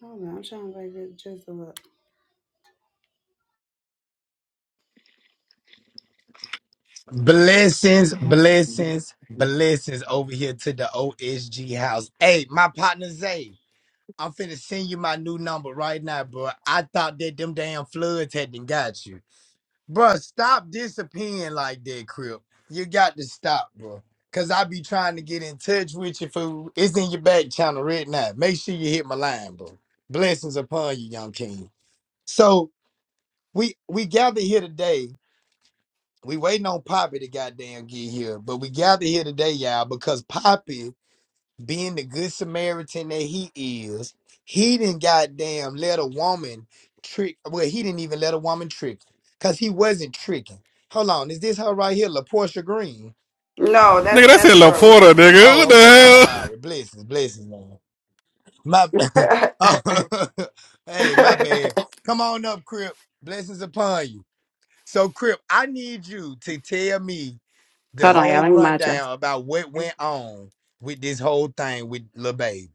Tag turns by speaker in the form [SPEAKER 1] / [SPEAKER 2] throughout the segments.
[SPEAKER 1] I do I'm trying to write this jizzle up.
[SPEAKER 2] Blessings, blessings, blessings over here to the OSG house. Hey, my partner Zay, I'm finna send you my new number right now, bro. I thought that them damn floods hadn't got you. Bro, stop disappearing like that, Crip. You got to stop, bro. Cause I be trying to get in touch with you, fool. It's in your back channel right now. Make sure you hit my line, bro. Blessings upon you, young king. So we we gather here today we waiting on Poppy to goddamn get here, but we gathered here today, y'all, because Poppy, being the good Samaritan that he is, he didn't goddamn let a woman trick. Well, he didn't even let a woman trick, cause he wasn't tricking. Hold on, is this her right here, LaPortia Green?
[SPEAKER 1] No,
[SPEAKER 3] Nigga,
[SPEAKER 1] that's
[SPEAKER 3] that's
[SPEAKER 1] that's
[SPEAKER 3] in La
[SPEAKER 1] bro.
[SPEAKER 3] Porta, nigga. What
[SPEAKER 2] Oh,
[SPEAKER 3] the
[SPEAKER 2] okay. I'm
[SPEAKER 3] hell?
[SPEAKER 2] sorry. Blessings, blessings, man. My, oh, hey, my bad. Come on up, Crip. Blessings upon you. So, Crip, I need you to tell me the whole rundown about what went on with this whole thing with Lil Baby.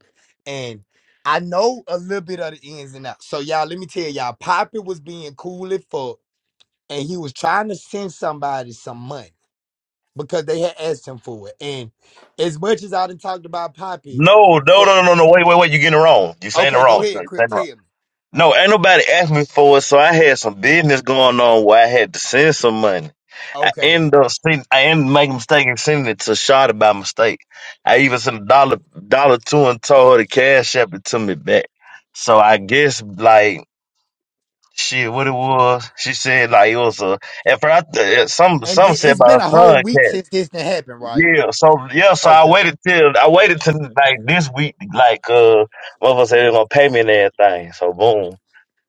[SPEAKER 2] And I know a little bit of the ins and outs. So y'all, let me tell y'all, Poppy was being cool as fuck, and he was trying to send somebody some money because they had asked him for it. And as much as I done talked about Poppy,
[SPEAKER 4] No, no,
[SPEAKER 2] for
[SPEAKER 4] no, no, no. no. Wait, wait, wait. You're getting it wrong. You're saying it
[SPEAKER 2] okay, go
[SPEAKER 4] wrong. You're
[SPEAKER 2] ahead, Crip,
[SPEAKER 4] saying it
[SPEAKER 2] tell
[SPEAKER 4] wrong.
[SPEAKER 2] me.
[SPEAKER 4] No, ain't nobody asked me for it, so I had some business going on where I had to send some money. I
[SPEAKER 2] Okay.
[SPEAKER 4] ended up sending, I ended up making a mistake and sending it to Shada by mistake. I even sent a dollar, dollar two and told her to cash app it to me back. So I guess like shit, what it was? She said like it was a. At first, I th- some
[SPEAKER 2] And
[SPEAKER 4] some
[SPEAKER 2] it-
[SPEAKER 4] said
[SPEAKER 2] it's been
[SPEAKER 4] about
[SPEAKER 2] a whole
[SPEAKER 4] her son.
[SPEAKER 2] week since this done happened, right?
[SPEAKER 4] Yeah, so yeah, so I
[SPEAKER 2] Okay.
[SPEAKER 4] waited till I waited till like this week, like uh, motherfucker said they gonna pay me and everything. So boom,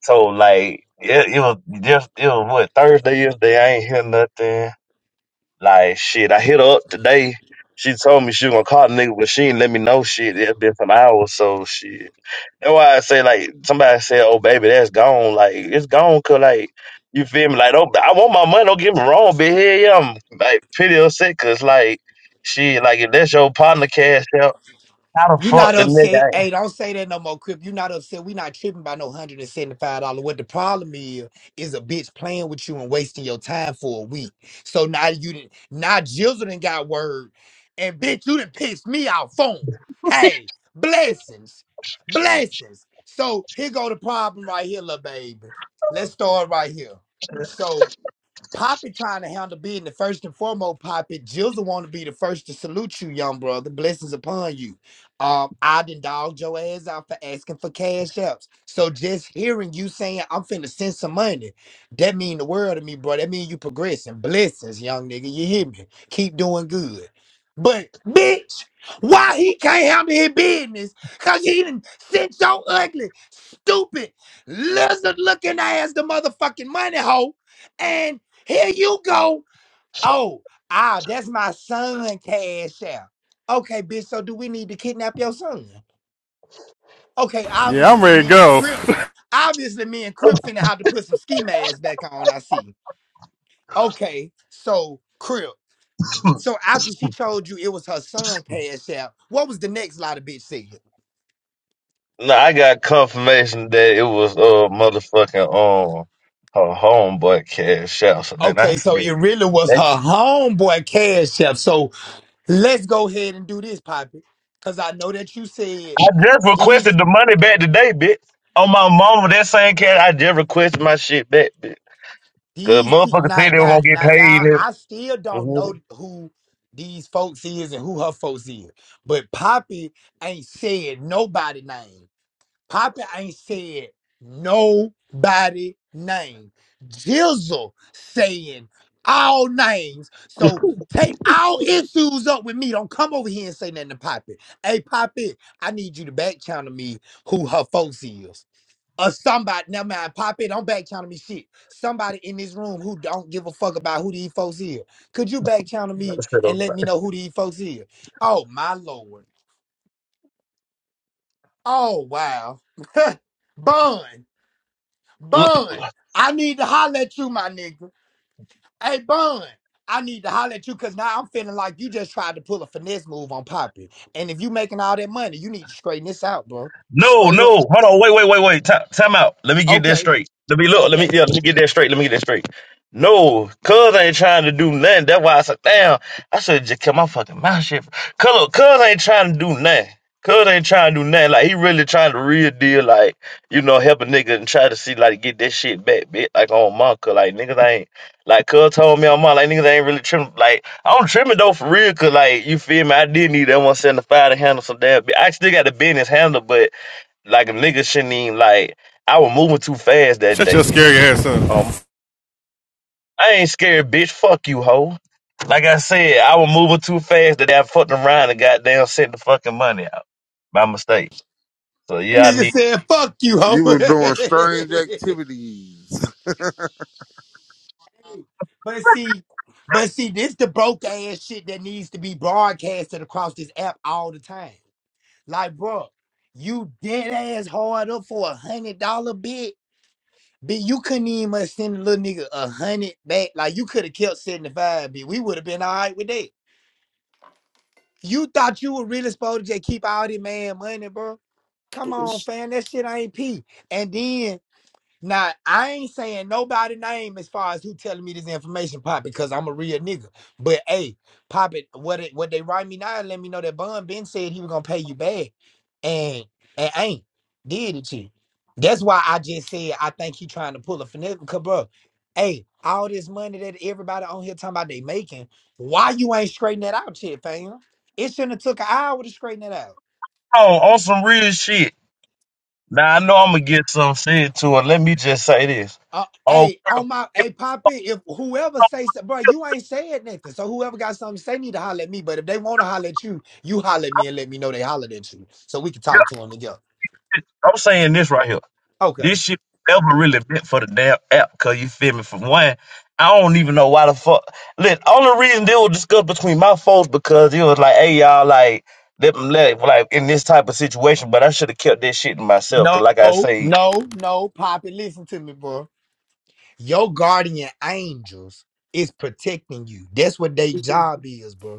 [SPEAKER 4] so like it, it was just it was what Thursday yesterday. I ain't hear nothing. Like shit, I hit her up today. She told me she was gonna call the nigga, but she ain't let me know shit. It's been some hours, so shit. That's why I say like somebody said, "Oh baby, that's gone." Like it's gone, cause like you feel me. Like don't, I want my money. Don't get me wrong, but here yeah, I'm like pretty upset, cause like shit, like if that's your partner cash out, how the
[SPEAKER 2] You not
[SPEAKER 4] fuck the
[SPEAKER 2] upset.
[SPEAKER 4] nigga?
[SPEAKER 2] Hey, don't say that no more, Crip. You not upset. We not tripping by no $175. What the problem is, is a bitch playing with you and wasting your time for a week. So now you did now Jizzle done got word. And bitch, you done pissed me off phone. Hey, blessings. Blessings. So here go the problem right here, little baby. Let's start right here. So Poppy trying to handle business first and foremost, Poppy. Jill's want to be the first to salute you, young brother. Blessings upon you. Um, I done dogged your ass out for asking for cash apps. So just hearing you saying I'm finna send some money, that mean the world to me, bro. That mean you progressing. Blessings, young nigga. You hear me? Keep doing good. But bitch, why he can't handle his business? Cause he done sent your ugly, stupid, lizard looking ass the motherfucking money hoe and here you go. Oh, ah, that's my son, Cash App. Okay, bitch, so do we need to kidnap your son? Okay,
[SPEAKER 3] Yeah, I'm
[SPEAKER 2] obviously
[SPEAKER 3] ready to
[SPEAKER 2] me and
[SPEAKER 3] go.
[SPEAKER 2] Crip, obviously me and Crip finna have to put some ski masks back on, I see. Okay, so Crip, so after she told you it was her son, Cash App, what was the next lot of bitch said?
[SPEAKER 4] ain't- No, I got confirmation that it was uh motherfucking um her homeboy cash out. So then I
[SPEAKER 2] Okay, so
[SPEAKER 4] said,
[SPEAKER 2] it really was
[SPEAKER 4] that,
[SPEAKER 2] her homeboy, Cash App. So let's go ahead and do this, Poppy, because I know that you said
[SPEAKER 4] I just
[SPEAKER 2] these
[SPEAKER 4] requested the money back today, bitch. On my mama, that same cash, I just requested my shit back, bitch. Cause
[SPEAKER 2] these pe-
[SPEAKER 4] motherfuckers
[SPEAKER 2] now
[SPEAKER 4] said they were
[SPEAKER 2] now
[SPEAKER 4] gonna get
[SPEAKER 2] now
[SPEAKER 4] paid.
[SPEAKER 2] y'all
[SPEAKER 4] And,
[SPEAKER 2] i still don't
[SPEAKER 4] Mhm.
[SPEAKER 2] know who these folks is and who her folks is but poppy ain't said nobody name poppy ain't said nobody name jizzle saying all names so take all issues up with me don't come over here and say nothing to poppy hey poppy i need you to back channel me who her folks is or somebody, never mind, pop it, don't back channel me shit. Somebody in this room who don't give a fuck about who these folks is. Could you back channel me
[SPEAKER 4] That's a bit
[SPEAKER 2] and
[SPEAKER 4] on
[SPEAKER 2] let me know who these folks is? Oh my lord. Oh wow. Bun. Bun. I need to holler at you, my nigga. Hey, Bun. I need to holler at you because now I'm feeling like you just tried to pull a finesse move on Poppy. And if you making all that money, you need to straighten this out, bro.
[SPEAKER 4] No,
[SPEAKER 2] Straight up.
[SPEAKER 4] no. Hold on. Wait, wait, wait, wait. Time, time out. Let me get this
[SPEAKER 2] Okay.
[SPEAKER 4] straight. Let me look. Let me
[SPEAKER 2] Okay.
[SPEAKER 4] yeah. Let me get that straight. Let me get that straight. No, cuz ain't trying to do nothing. That's why I said, damn, I should just kept my fucking mouth shut. Cuz, look, cuz ain't trying to do nothing. Cuz ain't trying to do nothing. Like he really trying to real deal, like you know, help a nigga and try to see like get that shit back, bit like on my cuz like niggas ain't like cuz told me on my like niggas ain't really trimming. Like I'm trimming though for real, cuz like you feel me? I did need that 175 to handle some damn. bit. I still got the business handle, but like a nigga shouldn't even like I was moving too fast that
[SPEAKER 3] Shut your
[SPEAKER 4] day.
[SPEAKER 3] scary ass up.
[SPEAKER 4] Um I ain't scared, bitch. Fuck you, hoe. Like I said, I was moving too fast that I fucked around and goddamn sent the fucking money out by mistake. So yeah, I
[SPEAKER 2] Nigga
[SPEAKER 4] need
[SPEAKER 2] said, fuck you,
[SPEAKER 5] You were doing strange
[SPEAKER 2] ho.
[SPEAKER 5] activities.
[SPEAKER 2] But see, but see, this the broke ass shit that needs to be broadcasted across this app all the time. Like, bro, you dead ass hard up for a hundred dollar bid, but you couldn't even must send a little nigga a hundred back. Like, you could have kept seventy five, bit. We would have been all right with that. You thought you were really supposed to just keep all this man money, bro? Come on, fam. That shit ain't pee. And then now I ain't saying nobody name as far as who telling me this information, Pop, because I'm a real nigga. But hey, Pop, it what it, what they write me now? Let me know that Bun Ben said he was gonna pay you back, and and ain't did it you. That's why I just said I think he trying to pull a finesse, cause bro, hey, all this money that everybody on here talking about they making, why you ain't straighten that out, shit, fam? It shouldn't have took an hour to straighten that out.
[SPEAKER 4] oh, on some real shit. Now I know I'm gonna get some shit to it. Let me just say this.
[SPEAKER 2] Uh,
[SPEAKER 4] Oh,
[SPEAKER 2] hey,
[SPEAKER 4] crap.
[SPEAKER 2] on my hey Poppy, if whoever says that, bro, you ain't saying nothing. So whoever got something to say need to holler at me. But if they want to holler at you, you holler at me and let me know they hollered at you, so we can talk to them together.
[SPEAKER 4] I'm saying this right here.
[SPEAKER 2] Okay.
[SPEAKER 4] This shit never really meant for the damn app, cause you feel me. For one, I don't even know why the fuck. Look, only reason they was discussed between my folks because it was like, hey y'all, like, let, let like in this type of situation. But I should have kept that shit to myself, cause
[SPEAKER 2] No,
[SPEAKER 4] like I say,
[SPEAKER 2] no, no, Poppy, listen to me, bro. Your guardian angels is protecting you. That's what their job is, bro.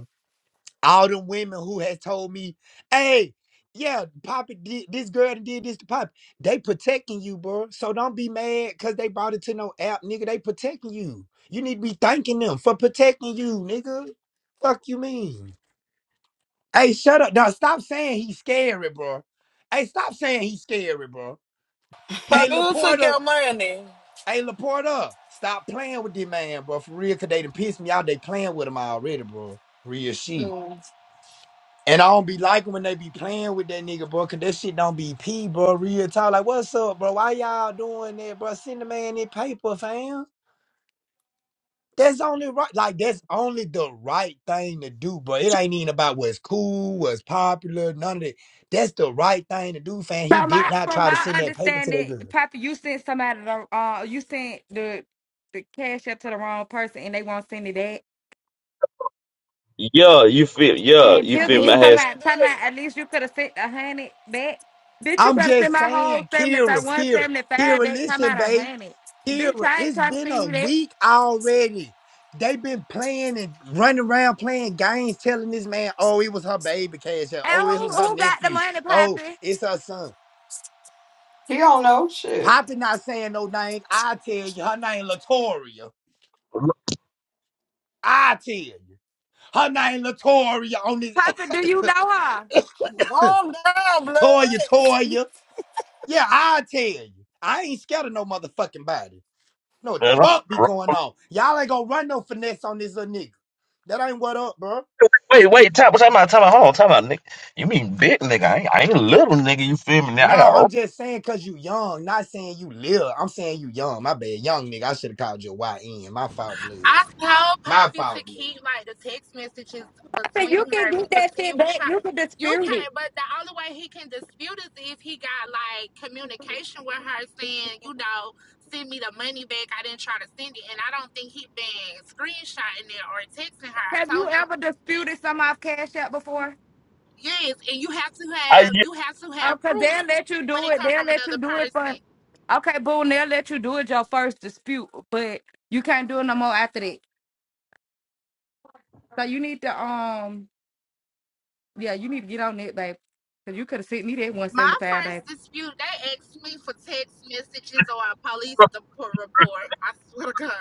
[SPEAKER 2] all them women who has told me, hey, yeah, Poppy, did, this girl done did this to Poppy. They protecting you, bro. So don't be mad because they brought it to no app, nigga. They protecting you. You need to be thanking them for protecting you, nigga. Fuck you mean? Hey, shut up. Now stop saying he's scary, bro. Hey, stop saying he's scary, bro. Hey,
[SPEAKER 6] Bobby, who took
[SPEAKER 2] Laporta.
[SPEAKER 6] your money?
[SPEAKER 2] Hey, Laporta. Stop playing with this man, bro. For real, cause they done pissed me out. They playing with him already, bro. Real shit.
[SPEAKER 6] Mm.
[SPEAKER 2] And I don't be liking when they be playing with that nigga, bro, cause that shit don't be pee, bro. Real talk. Like, what's up, bro? Why y'all doing that, bro? Send the man that paper, fam. That's only right. Like, that's only the right thing to do, bro. It ain't even about what's cool, what's popular, none of that. That's the right thing to do, fam. He
[SPEAKER 7] From
[SPEAKER 2] did
[SPEAKER 7] my
[SPEAKER 2] not
[SPEAKER 7] from
[SPEAKER 2] try to
[SPEAKER 7] my
[SPEAKER 2] send that paper to that
[SPEAKER 7] understanding,
[SPEAKER 2] girl.
[SPEAKER 7] Papa, you sent somebody the uh you sent the the cash up to the wrong person and they won't send it back.
[SPEAKER 4] yeah, you feel, yeah,
[SPEAKER 7] And
[SPEAKER 4] you
[SPEAKER 7] Jizzle,
[SPEAKER 4] feel
[SPEAKER 7] you
[SPEAKER 4] my
[SPEAKER 6] Who
[SPEAKER 7] talking
[SPEAKER 4] I
[SPEAKER 6] did
[SPEAKER 7] about talking about at
[SPEAKER 6] that?
[SPEAKER 7] least you could have sent a hundred back. Bitch, you
[SPEAKER 2] I'm
[SPEAKER 7] better send
[SPEAKER 2] just
[SPEAKER 7] my whole
[SPEAKER 2] saying,
[SPEAKER 7] seventy five
[SPEAKER 2] Kira,
[SPEAKER 7] one
[SPEAKER 2] Kira,
[SPEAKER 7] seventy five
[SPEAKER 2] Kira,
[SPEAKER 7] back, talking
[SPEAKER 2] listen,
[SPEAKER 7] about a
[SPEAKER 2] babe.
[SPEAKER 7] hundred. Bitch,
[SPEAKER 2] Kira,
[SPEAKER 7] I ain't
[SPEAKER 2] it's
[SPEAKER 7] trying to
[SPEAKER 2] been
[SPEAKER 7] send
[SPEAKER 2] a
[SPEAKER 7] you that.
[SPEAKER 2] week already. They've been playing and running around playing games, telling this man, oh, it was her baby cash. App.
[SPEAKER 7] And
[SPEAKER 2] Oh, it
[SPEAKER 7] who
[SPEAKER 2] was her
[SPEAKER 7] who got the
[SPEAKER 2] nephew.
[SPEAKER 7] money,
[SPEAKER 2] Oh,
[SPEAKER 7] Papa?
[SPEAKER 2] it's her son.
[SPEAKER 1] He don't know shit.
[SPEAKER 2] Poppy not saying no names. I tell you, her name Latoria. I tell you. Her name Latoria on this
[SPEAKER 7] Papa, do you know her?
[SPEAKER 6] Calm down,
[SPEAKER 2] Toya
[SPEAKER 6] blood.
[SPEAKER 2] Toya. Yeah, I tell you. I ain't scared of no motherfucking body. Know what the fuck be going on. Y'all ain't gonna run no finesse on this little nigga. That ain't what up, bro.
[SPEAKER 4] wait, wait, time, time out, time out, hold on, time out, nigga. You mean big nigga? I ain't, I ain't little nigga. You feel me? Now I
[SPEAKER 2] Nah, I'm
[SPEAKER 4] got,
[SPEAKER 2] just saying cause you young, not saying you live. I'm saying you young. My bad. Young nigga. I should have called you YN. My fault blood.
[SPEAKER 8] I told
[SPEAKER 2] My
[SPEAKER 8] Poppy to
[SPEAKER 2] fault
[SPEAKER 8] keep
[SPEAKER 2] blood.
[SPEAKER 8] like the text messages
[SPEAKER 7] I said
[SPEAKER 8] between
[SPEAKER 7] you can
[SPEAKER 8] her
[SPEAKER 7] get
[SPEAKER 8] because
[SPEAKER 7] that
[SPEAKER 8] he
[SPEAKER 7] shit
[SPEAKER 8] was
[SPEAKER 7] back.
[SPEAKER 8] trying.
[SPEAKER 7] You can
[SPEAKER 8] You
[SPEAKER 7] dispute it.
[SPEAKER 8] can't, but the only way he can dispute is if he got like communication with her saying, you know, send me the money back. I didn't try to send it, and I don't think he been screenshotting it or texting her. I
[SPEAKER 7] Have you
[SPEAKER 8] told him
[SPEAKER 7] ever disputed some off cash app before?
[SPEAKER 8] yes, and you have to
[SPEAKER 4] I
[SPEAKER 8] have
[SPEAKER 4] yeah,
[SPEAKER 8] you have to
[SPEAKER 7] Oh,
[SPEAKER 8] have
[SPEAKER 7] cause
[SPEAKER 8] proof
[SPEAKER 7] they'll let you
[SPEAKER 8] when
[SPEAKER 7] do
[SPEAKER 8] it
[SPEAKER 7] it.
[SPEAKER 8] comes
[SPEAKER 7] They'll
[SPEAKER 8] from
[SPEAKER 7] let you
[SPEAKER 8] another
[SPEAKER 7] do it for
[SPEAKER 8] person.
[SPEAKER 7] okay, boom, they'll let you do it your first dispute, but you can't do it no more after that. So you need to um yeah, you need to get on it, babe. Cause you could have sent me that one
[SPEAKER 8] My
[SPEAKER 7] seventy five, babe.
[SPEAKER 8] first dispute, they asked me for text messages or a police de- report. I swear to God.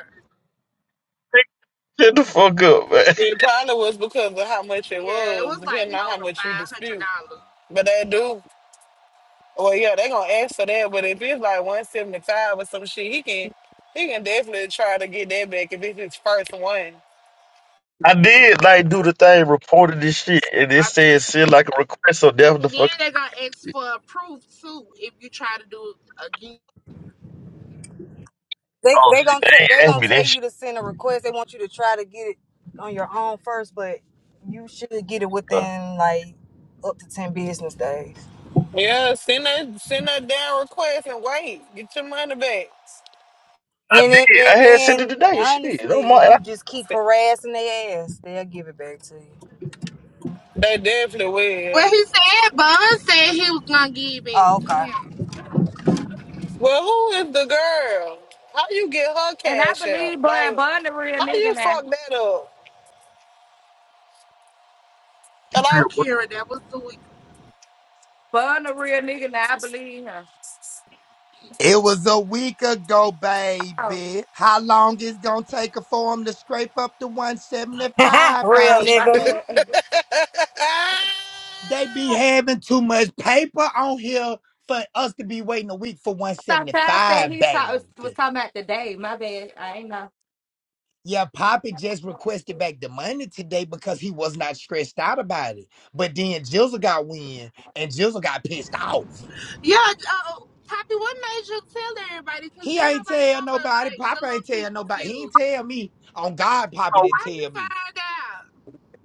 [SPEAKER 4] shut the fuck up, man.
[SPEAKER 6] It probably was because of how much it
[SPEAKER 8] Yeah, it
[SPEAKER 6] was,
[SPEAKER 8] was like
[SPEAKER 6] depending on how
[SPEAKER 8] over
[SPEAKER 6] much you
[SPEAKER 8] five hundred
[SPEAKER 6] dispute.
[SPEAKER 8] dollars.
[SPEAKER 6] But they do. Well, yeah, they gonna ask for that. But if it's like one seventy five or some shit, he can he can definitely try to get that back if it's his first one.
[SPEAKER 4] I did like do the thing, reported this shit, and it
[SPEAKER 8] I s-
[SPEAKER 4] said send like a request or death the
[SPEAKER 8] And then
[SPEAKER 4] fuck.
[SPEAKER 8] they gonna ask for proof too if you try to do it again.
[SPEAKER 9] They
[SPEAKER 4] Oh,
[SPEAKER 9] they gonna t-
[SPEAKER 4] she
[SPEAKER 9] they
[SPEAKER 4] asked
[SPEAKER 9] gonna
[SPEAKER 4] me
[SPEAKER 9] tell
[SPEAKER 4] that shit.
[SPEAKER 9] you to send a request. They want you to try to get it on your own first, but you should get it
[SPEAKER 4] uh,
[SPEAKER 9] within like up to ten business days.
[SPEAKER 6] Yeah, send that send that down request and wait. Get your money back.
[SPEAKER 4] I
[SPEAKER 9] And it,
[SPEAKER 4] did.
[SPEAKER 9] and,
[SPEAKER 4] I had sent it
[SPEAKER 9] and
[SPEAKER 4] today. Shit. Oh
[SPEAKER 9] honestly,
[SPEAKER 4] my.
[SPEAKER 9] if
[SPEAKER 4] I
[SPEAKER 9] you
[SPEAKER 4] said,
[SPEAKER 9] just keep harassing their ass, they'll give it back to you.
[SPEAKER 6] They definitely
[SPEAKER 8] Well,
[SPEAKER 6] will.
[SPEAKER 8] he said Bun said he was gonna give it
[SPEAKER 9] Oh,
[SPEAKER 8] to
[SPEAKER 9] okay.
[SPEAKER 8] him.
[SPEAKER 6] Well, who is the girl? How you get her
[SPEAKER 7] And I
[SPEAKER 6] cash out?
[SPEAKER 7] believe Bun
[SPEAKER 6] Like,
[SPEAKER 7] Bun the real
[SPEAKER 6] how
[SPEAKER 7] nigga
[SPEAKER 6] you
[SPEAKER 7] now.
[SPEAKER 6] fuck that up?
[SPEAKER 8] Well,
[SPEAKER 6] Hello?
[SPEAKER 8] Kira, that was the week.
[SPEAKER 7] Bun the real nigga now, I believe him.
[SPEAKER 2] It was a week ago,
[SPEAKER 7] Oh,
[SPEAKER 2] baby. How long is gonna take for him to scrape up to 175,
[SPEAKER 9] Real
[SPEAKER 7] oh, my
[SPEAKER 9] nigga.
[SPEAKER 2] baby?
[SPEAKER 7] bad.
[SPEAKER 2] They be
[SPEAKER 6] Ah!
[SPEAKER 2] having too much paper on here for us to be waiting a week for
[SPEAKER 7] So Ty said
[SPEAKER 2] 175,
[SPEAKER 7] he talk, was
[SPEAKER 2] baby.
[SPEAKER 7] talking about today. My bad. I ain't know.
[SPEAKER 2] Yeah, Poppy just requested back the money today because he was not stressed out about it. But then Jizzle got wind and Jizzle got pissed off.
[SPEAKER 8] Yeah, uh, Poppy, what made you tell everybody? Cause
[SPEAKER 2] He
[SPEAKER 8] then
[SPEAKER 2] ain't
[SPEAKER 8] nobody
[SPEAKER 2] tell
[SPEAKER 8] know but
[SPEAKER 2] nobody.
[SPEAKER 8] like the
[SPEAKER 2] Poppy ain't
[SPEAKER 8] little
[SPEAKER 2] tell
[SPEAKER 8] people
[SPEAKER 2] nobody. He ain't
[SPEAKER 8] few.
[SPEAKER 2] tell me. On God, Poppy
[SPEAKER 4] Hold on,
[SPEAKER 2] didn't
[SPEAKER 4] wait.
[SPEAKER 8] How you
[SPEAKER 2] tell me.
[SPEAKER 8] find out?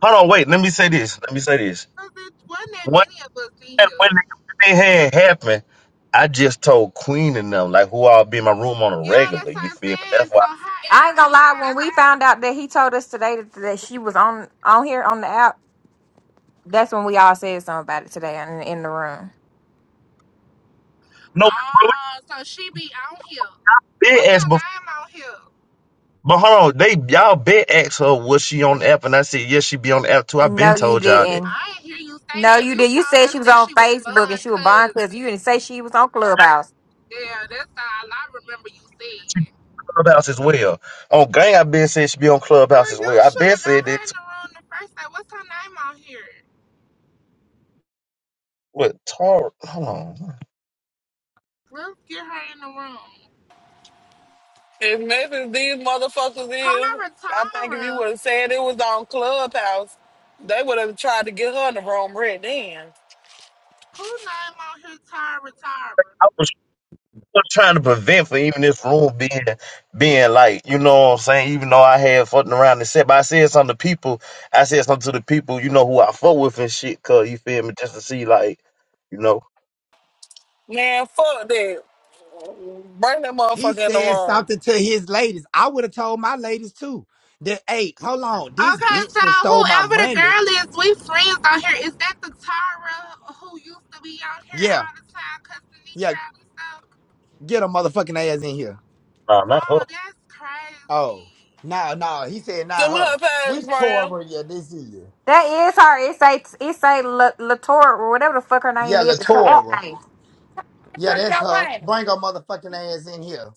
[SPEAKER 4] Hold on, wait. Let me say this. Let me say this.
[SPEAKER 8] Cause it wasn't that
[SPEAKER 4] When
[SPEAKER 8] many of us in
[SPEAKER 4] that when
[SPEAKER 8] here.
[SPEAKER 4] the thing had happened, I just told Queen and them like who I'll be in my room on a
[SPEAKER 8] Yeah,
[SPEAKER 4] regular.
[SPEAKER 8] that's what
[SPEAKER 4] You feel me?
[SPEAKER 8] I
[SPEAKER 4] That's
[SPEAKER 8] said.
[SPEAKER 4] why.
[SPEAKER 8] So how
[SPEAKER 10] I ain't gonna
[SPEAKER 8] everybody
[SPEAKER 10] lie. When
[SPEAKER 8] find
[SPEAKER 10] we
[SPEAKER 8] out?
[SPEAKER 10] found out that he told us today that, that she was on on here on the app, that's when we all said something about it today in, in the room.
[SPEAKER 4] No, bro.
[SPEAKER 8] Ah, so she be on here.
[SPEAKER 4] They
[SPEAKER 8] What's her
[SPEAKER 4] asked before.
[SPEAKER 8] name on here?
[SPEAKER 4] But hold on, they y'all been asked her was she on the app, and I said yes, she be on the app too. I been
[SPEAKER 10] No, you
[SPEAKER 4] told y'all that.
[SPEAKER 10] didn't.
[SPEAKER 8] I ain't hear you say
[SPEAKER 10] No,
[SPEAKER 8] that.
[SPEAKER 10] you
[SPEAKER 8] You
[SPEAKER 10] did. You
[SPEAKER 8] told
[SPEAKER 10] said
[SPEAKER 8] us
[SPEAKER 10] she was
[SPEAKER 8] that
[SPEAKER 10] on
[SPEAKER 8] she was
[SPEAKER 10] Facebook and
[SPEAKER 8] Bud
[SPEAKER 10] she was buying because you
[SPEAKER 8] cousin.
[SPEAKER 10] didn't say she was on Clubhouse.
[SPEAKER 8] Yeah, that's all I remember you saying.
[SPEAKER 4] Clubhouse as well. On gang, I have been said it should be on
[SPEAKER 8] Well,
[SPEAKER 4] Clubhouse as
[SPEAKER 8] you
[SPEAKER 4] well. I have
[SPEAKER 8] should
[SPEAKER 4] been
[SPEAKER 8] have got
[SPEAKER 4] said
[SPEAKER 8] her
[SPEAKER 4] that.
[SPEAKER 8] in
[SPEAKER 4] to-
[SPEAKER 8] the room the first day. What's her name on here?
[SPEAKER 4] What Tar? Hold on.
[SPEAKER 8] Let's get her in the room.
[SPEAKER 6] As messy as these motherfuckers is,
[SPEAKER 8] Tara,
[SPEAKER 6] I think if you
[SPEAKER 8] Tara.
[SPEAKER 6] would have said it was on Clubhouse, they would have tried to get her in the room right then.
[SPEAKER 8] Who name on here? Tara, Tara.
[SPEAKER 4] I was trying to prevent for even this room being being like you know what I'm saying. Even though I had fucking around and said, but I said something to people. I said something to the people you know who I fuck with and shit. Cause you feel me, just to see like you know,
[SPEAKER 6] Man, fuck that. Bring that
[SPEAKER 2] He
[SPEAKER 6] motherfucker in the
[SPEAKER 2] said
[SPEAKER 6] room.
[SPEAKER 2] something to his ladies. I would have told my ladies too. That, hey, hold on. This
[SPEAKER 8] Okay,
[SPEAKER 2] bitch
[SPEAKER 8] so
[SPEAKER 2] that stole my
[SPEAKER 8] whoever the
[SPEAKER 2] money.
[SPEAKER 8] girl is, we friends on here. Is that the Tara who used to be on here
[SPEAKER 2] Yeah,
[SPEAKER 8] all the time cussing each
[SPEAKER 2] yeah,
[SPEAKER 8] other and stuff?
[SPEAKER 2] get a motherfucking ass in here.
[SPEAKER 4] nah, not her.
[SPEAKER 8] Oh, that's
[SPEAKER 2] Oh,
[SPEAKER 8] crazy.
[SPEAKER 2] no, no. He said, not
[SPEAKER 6] Send me
[SPEAKER 2] her.
[SPEAKER 6] her page,
[SPEAKER 2] Which
[SPEAKER 6] Brown.
[SPEAKER 2] Torah, yeah, this is.
[SPEAKER 10] That is her. It's a it's a Latour or whatever the fuck her name
[SPEAKER 2] Yeah,
[SPEAKER 10] is. It's her app
[SPEAKER 2] Latora.
[SPEAKER 10] name.
[SPEAKER 7] I
[SPEAKER 2] Yeah,
[SPEAKER 7] took
[SPEAKER 2] that's
[SPEAKER 7] your
[SPEAKER 2] her.
[SPEAKER 7] money.
[SPEAKER 2] Bring her motherfucking ass in here.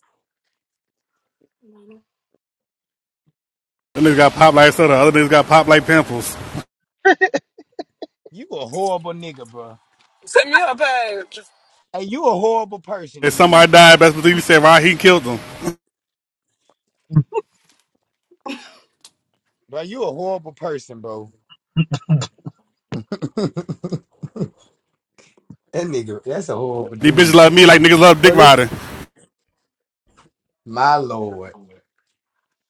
[SPEAKER 3] That nigga got pop like soda. Other niggas got pop like pimples.
[SPEAKER 2] You a horrible nigga, bro.
[SPEAKER 6] Send me her page.
[SPEAKER 2] Hey, you a horrible person,
[SPEAKER 3] If
[SPEAKER 2] dude.
[SPEAKER 3] somebody died, best believe you said Rod he killed them.
[SPEAKER 2] Bro, you a horrible person, bro. that nigga, that's a horrible
[SPEAKER 3] These bitches
[SPEAKER 2] dude.
[SPEAKER 3] love me like niggas love dick
[SPEAKER 2] Well, it's
[SPEAKER 3] riding.
[SPEAKER 2] my lord.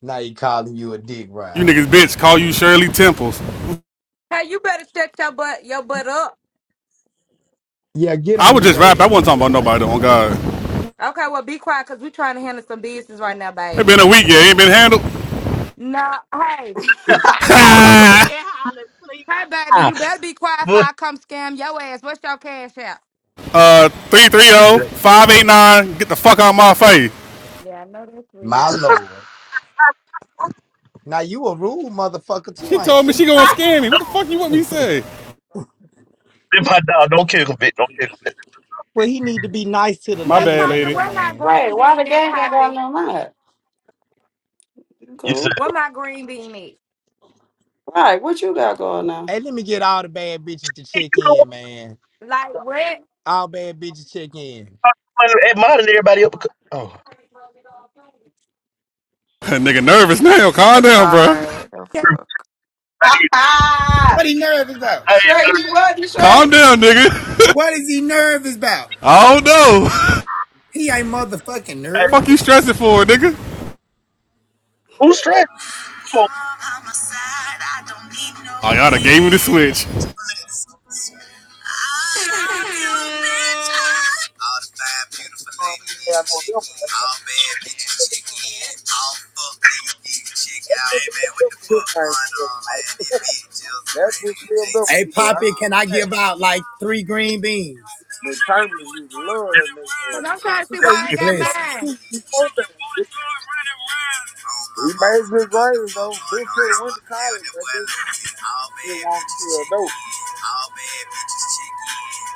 [SPEAKER 2] Now he calling you a dick
[SPEAKER 3] You
[SPEAKER 2] rider.
[SPEAKER 3] niggas bitch call you Shirley Temples.
[SPEAKER 7] Hey, you better shut your butt your butt up.
[SPEAKER 2] Yeah, get
[SPEAKER 3] I
[SPEAKER 2] on
[SPEAKER 3] was
[SPEAKER 2] his
[SPEAKER 3] just rapping. I
[SPEAKER 2] ass,
[SPEAKER 3] wasn't talking about
[SPEAKER 2] Kira,
[SPEAKER 3] nobody.
[SPEAKER 2] baby.
[SPEAKER 3] On God,
[SPEAKER 7] Okay, well, be quiet because we're trying to handle some business right now,
[SPEAKER 3] it
[SPEAKER 7] baby.
[SPEAKER 3] been a week. Yeah, ain't been handled.
[SPEAKER 7] No, hey,
[SPEAKER 1] Wait,
[SPEAKER 8] I was fucking hollering, please.
[SPEAKER 7] hey, baby,
[SPEAKER 4] Ah,
[SPEAKER 7] you better be quiet before
[SPEAKER 4] but
[SPEAKER 7] I come scam your ass. What's your cash out?
[SPEAKER 3] uh, three three zero
[SPEAKER 2] Yeah.
[SPEAKER 3] five eight nine. Get the fuck out of my face.
[SPEAKER 7] Yeah, I know that's real.
[SPEAKER 2] My lord. Now you a rude motherfucker too,
[SPEAKER 3] She told
[SPEAKER 2] ain't
[SPEAKER 3] me
[SPEAKER 2] you?
[SPEAKER 3] she gonna scan me. What the fuck you want me to say?
[SPEAKER 4] my dog, don't kill him, bitch. Don't kill him.
[SPEAKER 2] Well, he need to be nice to the
[SPEAKER 3] My
[SPEAKER 7] So,
[SPEAKER 2] ladies
[SPEAKER 3] bad,
[SPEAKER 2] in
[SPEAKER 7] Poppy,
[SPEAKER 3] lady.
[SPEAKER 2] here,
[SPEAKER 7] where my
[SPEAKER 2] man.
[SPEAKER 7] green
[SPEAKER 1] why the
[SPEAKER 7] bean at,
[SPEAKER 1] gang ain't got
[SPEAKER 7] Poppy?
[SPEAKER 1] no mind? You
[SPEAKER 4] You said
[SPEAKER 1] cool?
[SPEAKER 7] Where my green bean at?
[SPEAKER 1] Right, what you got going on?
[SPEAKER 2] Hey, let me get all the bad bitches to check
[SPEAKER 4] you know
[SPEAKER 2] in,
[SPEAKER 4] what?
[SPEAKER 2] man.
[SPEAKER 7] Like, what?
[SPEAKER 2] All bad bitches check in.
[SPEAKER 4] i everybody
[SPEAKER 7] Because
[SPEAKER 4] up. because- Oh,
[SPEAKER 3] nigga nervous now. Calm
[SPEAKER 10] Oh
[SPEAKER 3] down, bro.
[SPEAKER 10] God, the fuck.
[SPEAKER 2] What he nervous about?
[SPEAKER 4] hey,
[SPEAKER 1] Straight, you what? You
[SPEAKER 3] Calm
[SPEAKER 1] straight?
[SPEAKER 3] down, nigga.
[SPEAKER 2] What is he nervous about?
[SPEAKER 3] I don't know.
[SPEAKER 2] He ain't motherfucking
[SPEAKER 4] hey,
[SPEAKER 3] Fuck you
[SPEAKER 2] nervous.
[SPEAKER 3] stressing for, nigga.
[SPEAKER 4] who's straight? Come on,
[SPEAKER 2] You're by my side, I don't need no
[SPEAKER 3] I gotta gave him the
[SPEAKER 2] wind.
[SPEAKER 3] switch.
[SPEAKER 2] I love you, bitch. I- All the fine, beautiful
[SPEAKER 5] Oh,
[SPEAKER 2] ladies
[SPEAKER 5] yeah, I
[SPEAKER 2] eating
[SPEAKER 5] know them
[SPEAKER 2] chicken.
[SPEAKER 5] right
[SPEAKER 2] All bad bitches chicken. Yeah. All fuck niggas eating chicken
[SPEAKER 5] That
[SPEAKER 2] Hey
[SPEAKER 5] bitch
[SPEAKER 2] man,
[SPEAKER 5] lived
[SPEAKER 2] what
[SPEAKER 5] up
[SPEAKER 2] the
[SPEAKER 5] to her
[SPEAKER 2] fuck
[SPEAKER 5] name
[SPEAKER 2] going
[SPEAKER 5] for
[SPEAKER 2] on, man? It
[SPEAKER 5] right?
[SPEAKER 2] be just
[SPEAKER 5] That
[SPEAKER 2] man.
[SPEAKER 5] bitch lived up
[SPEAKER 2] Hey
[SPEAKER 5] to her. I
[SPEAKER 2] Poppy,
[SPEAKER 5] give
[SPEAKER 2] can I
[SPEAKER 5] him that.
[SPEAKER 2] give out like three green beans?
[SPEAKER 5] The Chambers used to love that nigga ass.
[SPEAKER 7] I'm trying
[SPEAKER 5] He
[SPEAKER 7] to see
[SPEAKER 5] said,
[SPEAKER 7] why
[SPEAKER 5] you
[SPEAKER 7] I ain't
[SPEAKER 5] just
[SPEAKER 7] got
[SPEAKER 2] Blessings.
[SPEAKER 5] fucking
[SPEAKER 7] mine.
[SPEAKER 5] teach me
[SPEAKER 2] Check your
[SPEAKER 5] something.
[SPEAKER 2] booty
[SPEAKER 5] bitch."
[SPEAKER 2] door
[SPEAKER 5] He
[SPEAKER 2] running around. Oh, my
[SPEAKER 5] made
[SPEAKER 2] mama, you
[SPEAKER 5] good
[SPEAKER 2] know what the
[SPEAKER 5] grades,
[SPEAKER 2] fuck
[SPEAKER 5] though.
[SPEAKER 2] going
[SPEAKER 5] Bitch
[SPEAKER 2] on.
[SPEAKER 5] said went
[SPEAKER 2] Stop
[SPEAKER 5] to
[SPEAKER 2] playing
[SPEAKER 5] college.
[SPEAKER 2] that
[SPEAKER 5] That
[SPEAKER 2] boy
[SPEAKER 5] bitch
[SPEAKER 2] Lil' T. All
[SPEAKER 5] still
[SPEAKER 2] bad
[SPEAKER 5] wanted to
[SPEAKER 2] bitches
[SPEAKER 5] be a
[SPEAKER 2] check
[SPEAKER 5] dope.
[SPEAKER 2] All bad bitches check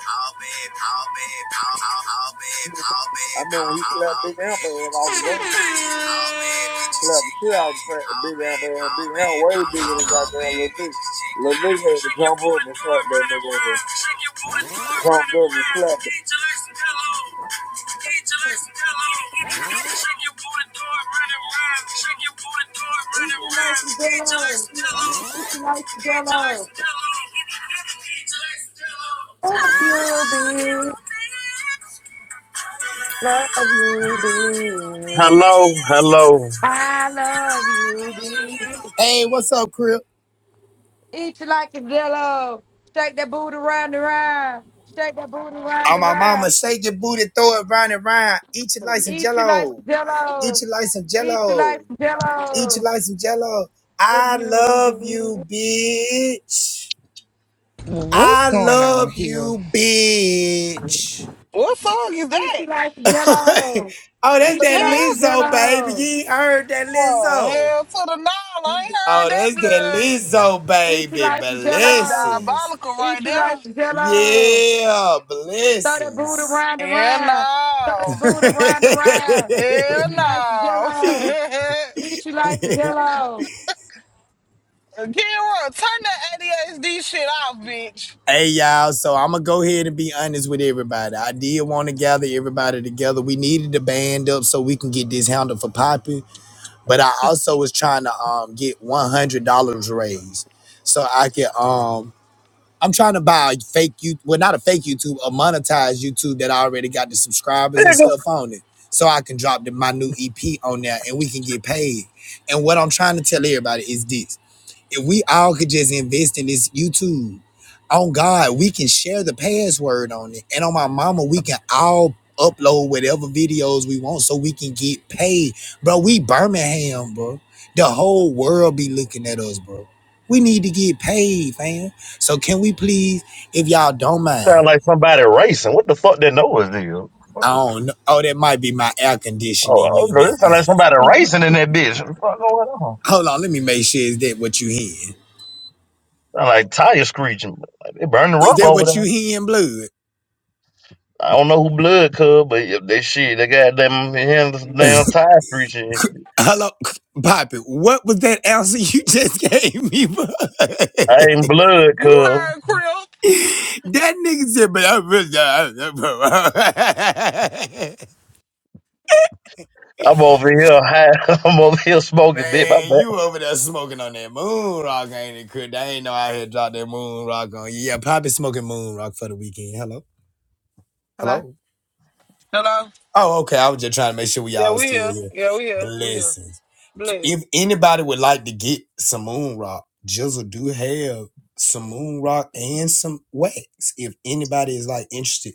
[SPEAKER 2] All bad, all bad, all, all, all bad, all bad,
[SPEAKER 5] I remember
[SPEAKER 2] all,
[SPEAKER 5] when he
[SPEAKER 2] all,
[SPEAKER 5] slapped
[SPEAKER 2] all
[SPEAKER 5] Big Amber
[SPEAKER 2] bad
[SPEAKER 5] and I
[SPEAKER 2] bitches
[SPEAKER 5] was going
[SPEAKER 2] all bad
[SPEAKER 5] to
[SPEAKER 2] bitches
[SPEAKER 5] slap the
[SPEAKER 2] check
[SPEAKER 5] shit out of
[SPEAKER 2] in.
[SPEAKER 5] Fra-
[SPEAKER 2] All
[SPEAKER 5] Big
[SPEAKER 2] bad,
[SPEAKER 5] Amber and
[SPEAKER 2] all
[SPEAKER 5] Big Amber
[SPEAKER 2] bad,
[SPEAKER 5] way
[SPEAKER 2] all,
[SPEAKER 5] bigger
[SPEAKER 2] all,
[SPEAKER 5] than goddamn little
[SPEAKER 2] bad
[SPEAKER 5] nigga.
[SPEAKER 2] bitches check
[SPEAKER 5] Little
[SPEAKER 2] in.
[SPEAKER 5] nigga had to
[SPEAKER 2] Shake your
[SPEAKER 5] jump
[SPEAKER 2] booty,
[SPEAKER 5] up and
[SPEAKER 2] do
[SPEAKER 5] slap
[SPEAKER 2] it,
[SPEAKER 5] that
[SPEAKER 2] run it
[SPEAKER 5] nigga ass.
[SPEAKER 2] round. Shake your booty, do it,
[SPEAKER 5] John
[SPEAKER 2] run it
[SPEAKER 5] Burry
[SPEAKER 2] round.
[SPEAKER 5] Slap
[SPEAKER 2] Eat your legs and pillow. Eat your legs and pillow. Shake your booty, do it, run it round. Shake your booty, do it, run
[SPEAKER 7] Eat
[SPEAKER 2] it
[SPEAKER 7] your
[SPEAKER 2] round.
[SPEAKER 7] nasty
[SPEAKER 2] Eat your legs
[SPEAKER 7] jello.
[SPEAKER 2] and
[SPEAKER 7] Eat
[SPEAKER 2] pillow.
[SPEAKER 7] your nasty
[SPEAKER 2] Eat your legs
[SPEAKER 7] jello.
[SPEAKER 2] and pillow. Eat your legs and
[SPEAKER 7] Love you, bitch. Love you, bitch.
[SPEAKER 4] hello, hello.
[SPEAKER 7] I love you, bitch.
[SPEAKER 2] Hey, what's up, Crip?
[SPEAKER 7] Eat you like a jello. Shake that booty round and round. Shake that booty round
[SPEAKER 2] Oh,
[SPEAKER 7] and
[SPEAKER 2] my mama,
[SPEAKER 7] round.
[SPEAKER 2] shake your booty, throw it round and round. Eat your life some
[SPEAKER 7] Eat you like
[SPEAKER 2] jello.
[SPEAKER 7] jello.
[SPEAKER 2] Eat your life some
[SPEAKER 7] Eat you
[SPEAKER 2] jello.
[SPEAKER 7] like
[SPEAKER 2] Eat your
[SPEAKER 7] jello.
[SPEAKER 2] life some jello.
[SPEAKER 7] If
[SPEAKER 2] I
[SPEAKER 7] you
[SPEAKER 2] love you,
[SPEAKER 7] be.
[SPEAKER 2] bitch.
[SPEAKER 8] What's
[SPEAKER 2] I
[SPEAKER 8] going on
[SPEAKER 2] love
[SPEAKER 8] here?
[SPEAKER 2] you, bitch.
[SPEAKER 6] What song is
[SPEAKER 7] Eat
[SPEAKER 6] that?
[SPEAKER 7] you like
[SPEAKER 2] oh,
[SPEAKER 7] jello.
[SPEAKER 2] that's
[SPEAKER 6] The
[SPEAKER 7] Eat you
[SPEAKER 2] that
[SPEAKER 7] like
[SPEAKER 6] hell?
[SPEAKER 2] Lizzo, baby. You
[SPEAKER 7] jello.
[SPEAKER 2] ain't heard that
[SPEAKER 6] Oh,
[SPEAKER 2] Lizzo.
[SPEAKER 6] hell to the no, I ain't
[SPEAKER 2] Oh,
[SPEAKER 6] heard that
[SPEAKER 2] that's that
[SPEAKER 6] blood.
[SPEAKER 2] Lizzo,
[SPEAKER 7] Eat you
[SPEAKER 2] baby.
[SPEAKER 7] like
[SPEAKER 6] That's
[SPEAKER 7] jello.
[SPEAKER 2] Blessings.
[SPEAKER 6] diabolical right
[SPEAKER 7] Eat you
[SPEAKER 6] there.
[SPEAKER 7] like jello.
[SPEAKER 2] Yeah,
[SPEAKER 7] Throw that booty
[SPEAKER 2] blessings.
[SPEAKER 7] round and
[SPEAKER 6] Hell
[SPEAKER 7] round. Throw
[SPEAKER 6] no.
[SPEAKER 7] that booty round and round.
[SPEAKER 2] hey
[SPEAKER 6] Hell
[SPEAKER 7] Eat you like
[SPEAKER 6] no.
[SPEAKER 7] jello. Eat you like jello.
[SPEAKER 6] Kira, turn that ADHD shit off, bitch.
[SPEAKER 2] y'all, so I'm gonna go ahead and be honest with everybody. I did want to gather everybody together. We needed to band up so we can get this handle for Poppy, but I also was trying to um get one hundred dollars raised so I can um. I'm trying to buy a fake YouTube, well, not a fake YouTube, a monetized YouTube that I already got the subscribers and
[SPEAKER 4] Nigga,
[SPEAKER 2] stuff on it, so I can drop the, my new EP on there and we can get paid. And what I'm trying to tell everybody is this. If we all could just invest in this YouTube, on God, we can share the password on it. And on my mama, we can all upload whatever videos we want so we can get paid. Bro, we Birmingham, bro. The whole world be looking at us, bro. We need to get paid, fam. So can we please, if y'all don't mind,
[SPEAKER 4] sound like somebody racing. What the fuck that noise do?
[SPEAKER 2] I don't know. Oh, that might be my air conditioning
[SPEAKER 4] Oh,
[SPEAKER 2] unit
[SPEAKER 4] it sound like
[SPEAKER 2] thing.
[SPEAKER 4] somebody racing in that bitch. What the fuck going on?
[SPEAKER 2] Hold on, let me make sure is that what you hearing?
[SPEAKER 4] Sound like tire screeching. Like they burning the
[SPEAKER 2] Is
[SPEAKER 4] rubber
[SPEAKER 2] that
[SPEAKER 4] over
[SPEAKER 2] what you
[SPEAKER 4] there.
[SPEAKER 2] hearing, blood?
[SPEAKER 4] I don't know who blood cuz, but if they shit, they got them hands damn tire screeching. and shit.
[SPEAKER 2] Hello, Poppy. What was that answer you just gave me? bro? that
[SPEAKER 4] I ain't blood
[SPEAKER 6] You
[SPEAKER 4] cuz.
[SPEAKER 6] heard Crip.
[SPEAKER 2] nigga said, but I'm really bro.
[SPEAKER 4] I'm over here high. I'm over here smoking, bitch. My
[SPEAKER 2] Man,
[SPEAKER 4] back.
[SPEAKER 2] you over there smoking on that moon rock, ain't it, Chris? I ain't know I had dropped that moon rock on you. Yeah, Poppy smoking moon rock for the weekend. Hello?
[SPEAKER 7] Hello.
[SPEAKER 2] Hello?
[SPEAKER 6] Hello?
[SPEAKER 2] Oh, okay. I was just trying to make sure we all
[SPEAKER 6] Yeah,
[SPEAKER 2] was
[SPEAKER 6] we
[SPEAKER 2] still
[SPEAKER 6] here.
[SPEAKER 2] here.
[SPEAKER 6] Yeah, we here. We here.
[SPEAKER 2] Blessings.
[SPEAKER 6] Bless.
[SPEAKER 2] if anybody would like to get some moon rock, Jizzle do have some moon rock and some wax. If anybody is like interested,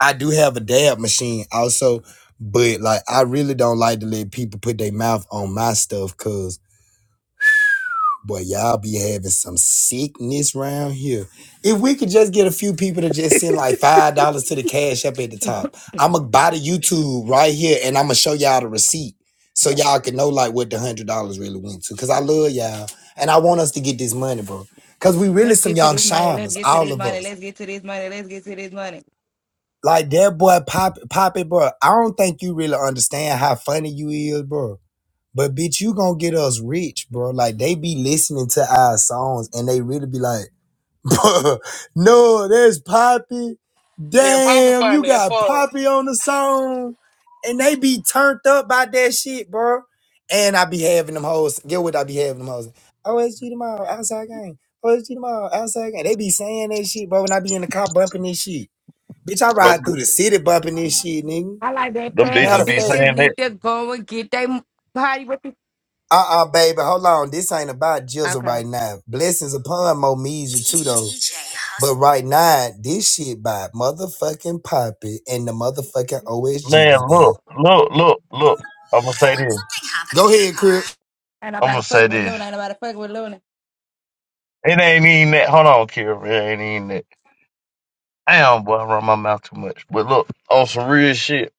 [SPEAKER 2] I do have a dab machine also, but like I really don't like to let people put their mouth on my stuff because. Boy, y'all be having some sickness round here. If we could just get a few people to just send like five dollars to the cash up at the top, I'ma buy the YouTube right here and I'ma show y'all the receipt so y'all can know like what the hundred dollars really went to. Cause I love y'all and I want us to get this money, bro. Cause we really
[SPEAKER 7] Let's
[SPEAKER 2] some
[SPEAKER 7] get to
[SPEAKER 2] young
[SPEAKER 7] this money. Let's
[SPEAKER 2] shiners,
[SPEAKER 7] get to
[SPEAKER 2] all
[SPEAKER 7] this
[SPEAKER 2] of
[SPEAKER 7] money.
[SPEAKER 2] us.
[SPEAKER 7] Let's get to this money. Let's get to this money.
[SPEAKER 2] Like that boy Pop Poppy, bro. I don't think you really understand how funny you is, bro. But bitch, you gonna get us rich, bro. Like they be listening to our songs and they really be like. no, that's Poppy.
[SPEAKER 6] Yeah, Papa
[SPEAKER 2] Damn, you
[SPEAKER 6] find that
[SPEAKER 2] got
[SPEAKER 6] fuck.
[SPEAKER 2] Poppy on the song. And they be turned up by that shit, bro. And I be having them hoes. Get what I be having them hoes. OSG tomorrow, outside game. OSG tomorrow, outside game. They be saying that shit, bro, when I be in the car bumping this shit. Bitch, I
[SPEAKER 4] Them,
[SPEAKER 2] ride through the city bumping this shit, nigga.
[SPEAKER 7] I like that
[SPEAKER 4] them
[SPEAKER 7] fat
[SPEAKER 2] Matter
[SPEAKER 4] bitches
[SPEAKER 2] of
[SPEAKER 4] be
[SPEAKER 2] fact.
[SPEAKER 7] bitches
[SPEAKER 4] saying that.
[SPEAKER 7] need to go and get they party with you.
[SPEAKER 2] Uh uh baby, hold on. This ain't about Jizzle
[SPEAKER 7] Okay.
[SPEAKER 2] right now. Blessings upon Momija too though. But right now, this shit by motherfucking Poppy and the motherfucking OSG
[SPEAKER 4] Man,
[SPEAKER 2] gang.
[SPEAKER 4] look, look, look, look. I'm gonna say this.
[SPEAKER 2] Go ahead, Chris.
[SPEAKER 7] Ain't
[SPEAKER 4] I'm
[SPEAKER 7] nobody
[SPEAKER 4] gonna
[SPEAKER 7] fuck
[SPEAKER 4] say
[SPEAKER 7] with
[SPEAKER 4] this.
[SPEAKER 7] Luna. Ain't nobody fuck with Luna.
[SPEAKER 4] It ain't even that. Hold on, Kira. It ain't even that. Damn, boy, I run my mouth too much. But look, on some real shit.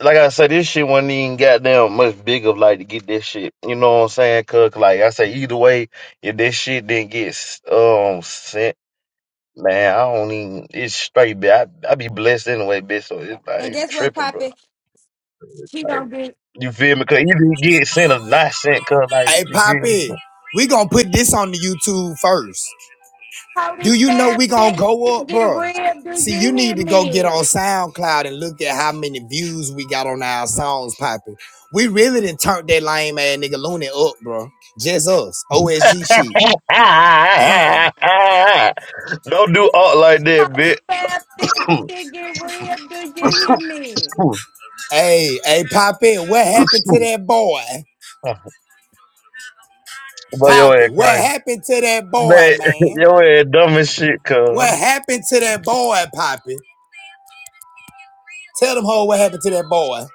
[SPEAKER 4] Like I said, this shit wasn't even goddamn much big of like to get this shit. You know what I'm saying? Cause like I say, either way, if this shit didn't get um sent, man, I don't even. It's straight, bitch. I, I be blessed anyway, bitch. So it, I
[SPEAKER 7] And
[SPEAKER 4] ain't
[SPEAKER 7] guess what,
[SPEAKER 4] tripping, bro.
[SPEAKER 7] Poppy? She
[SPEAKER 4] Like
[SPEAKER 7] gonna get
[SPEAKER 4] you feel me? Cause either you get sent or not sent. Cause like
[SPEAKER 2] Hey
[SPEAKER 4] you feel me?
[SPEAKER 2] Poppy,
[SPEAKER 4] Bro?
[SPEAKER 2] we gonna put this on the YouTube first.
[SPEAKER 7] holy
[SPEAKER 2] Do you know
[SPEAKER 7] fat
[SPEAKER 2] we gonna
[SPEAKER 7] bitch.
[SPEAKER 2] go
[SPEAKER 7] She
[SPEAKER 2] up,
[SPEAKER 7] get
[SPEAKER 2] bro?
[SPEAKER 7] real.
[SPEAKER 2] See,
[SPEAKER 7] Do
[SPEAKER 2] you
[SPEAKER 7] you hear
[SPEAKER 2] need to go get on
[SPEAKER 7] me?
[SPEAKER 2] SoundCloud and look at how many views we got on our songs, Poppy. We really done turned that lame ass nigga Looney up, bro. Just us, OSG shit.
[SPEAKER 4] don't
[SPEAKER 2] Huh.
[SPEAKER 4] do art like that,
[SPEAKER 7] Holy
[SPEAKER 4] bitch.
[SPEAKER 7] fat bitch. She get real. Do you hear me?
[SPEAKER 2] Hey, hey, Poppy, what happened to that boy?
[SPEAKER 4] Boy, your
[SPEAKER 2] Poppy,
[SPEAKER 4] ass
[SPEAKER 2] what
[SPEAKER 4] crazy.
[SPEAKER 2] happened to that boy,
[SPEAKER 4] Man,
[SPEAKER 2] man?
[SPEAKER 4] your ass dumb as shit, cuz.
[SPEAKER 2] What happened to that boy, Poppy? Tell them hoe what happened to that boy.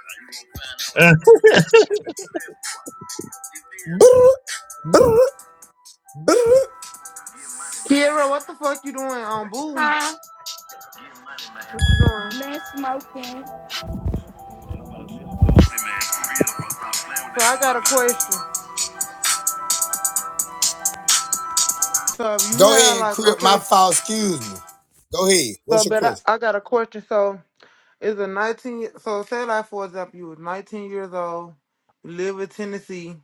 [SPEAKER 2] Brr, brr, brr.
[SPEAKER 11] Kiera, what the fuck you doing on Boo? What
[SPEAKER 7] Huh?
[SPEAKER 11] you doing?
[SPEAKER 7] Let's smoking.
[SPEAKER 11] So I got a question. So if you
[SPEAKER 2] Go
[SPEAKER 11] had
[SPEAKER 2] ahead,
[SPEAKER 11] like
[SPEAKER 2] Crip. My
[SPEAKER 11] okay,
[SPEAKER 2] fault. Excuse me. Go ahead. What's
[SPEAKER 11] so
[SPEAKER 2] your
[SPEAKER 11] but I,
[SPEAKER 2] question?
[SPEAKER 11] I got a question. So is a nineteen y- so say like for example you was nineteen years old, you live in Tennessee,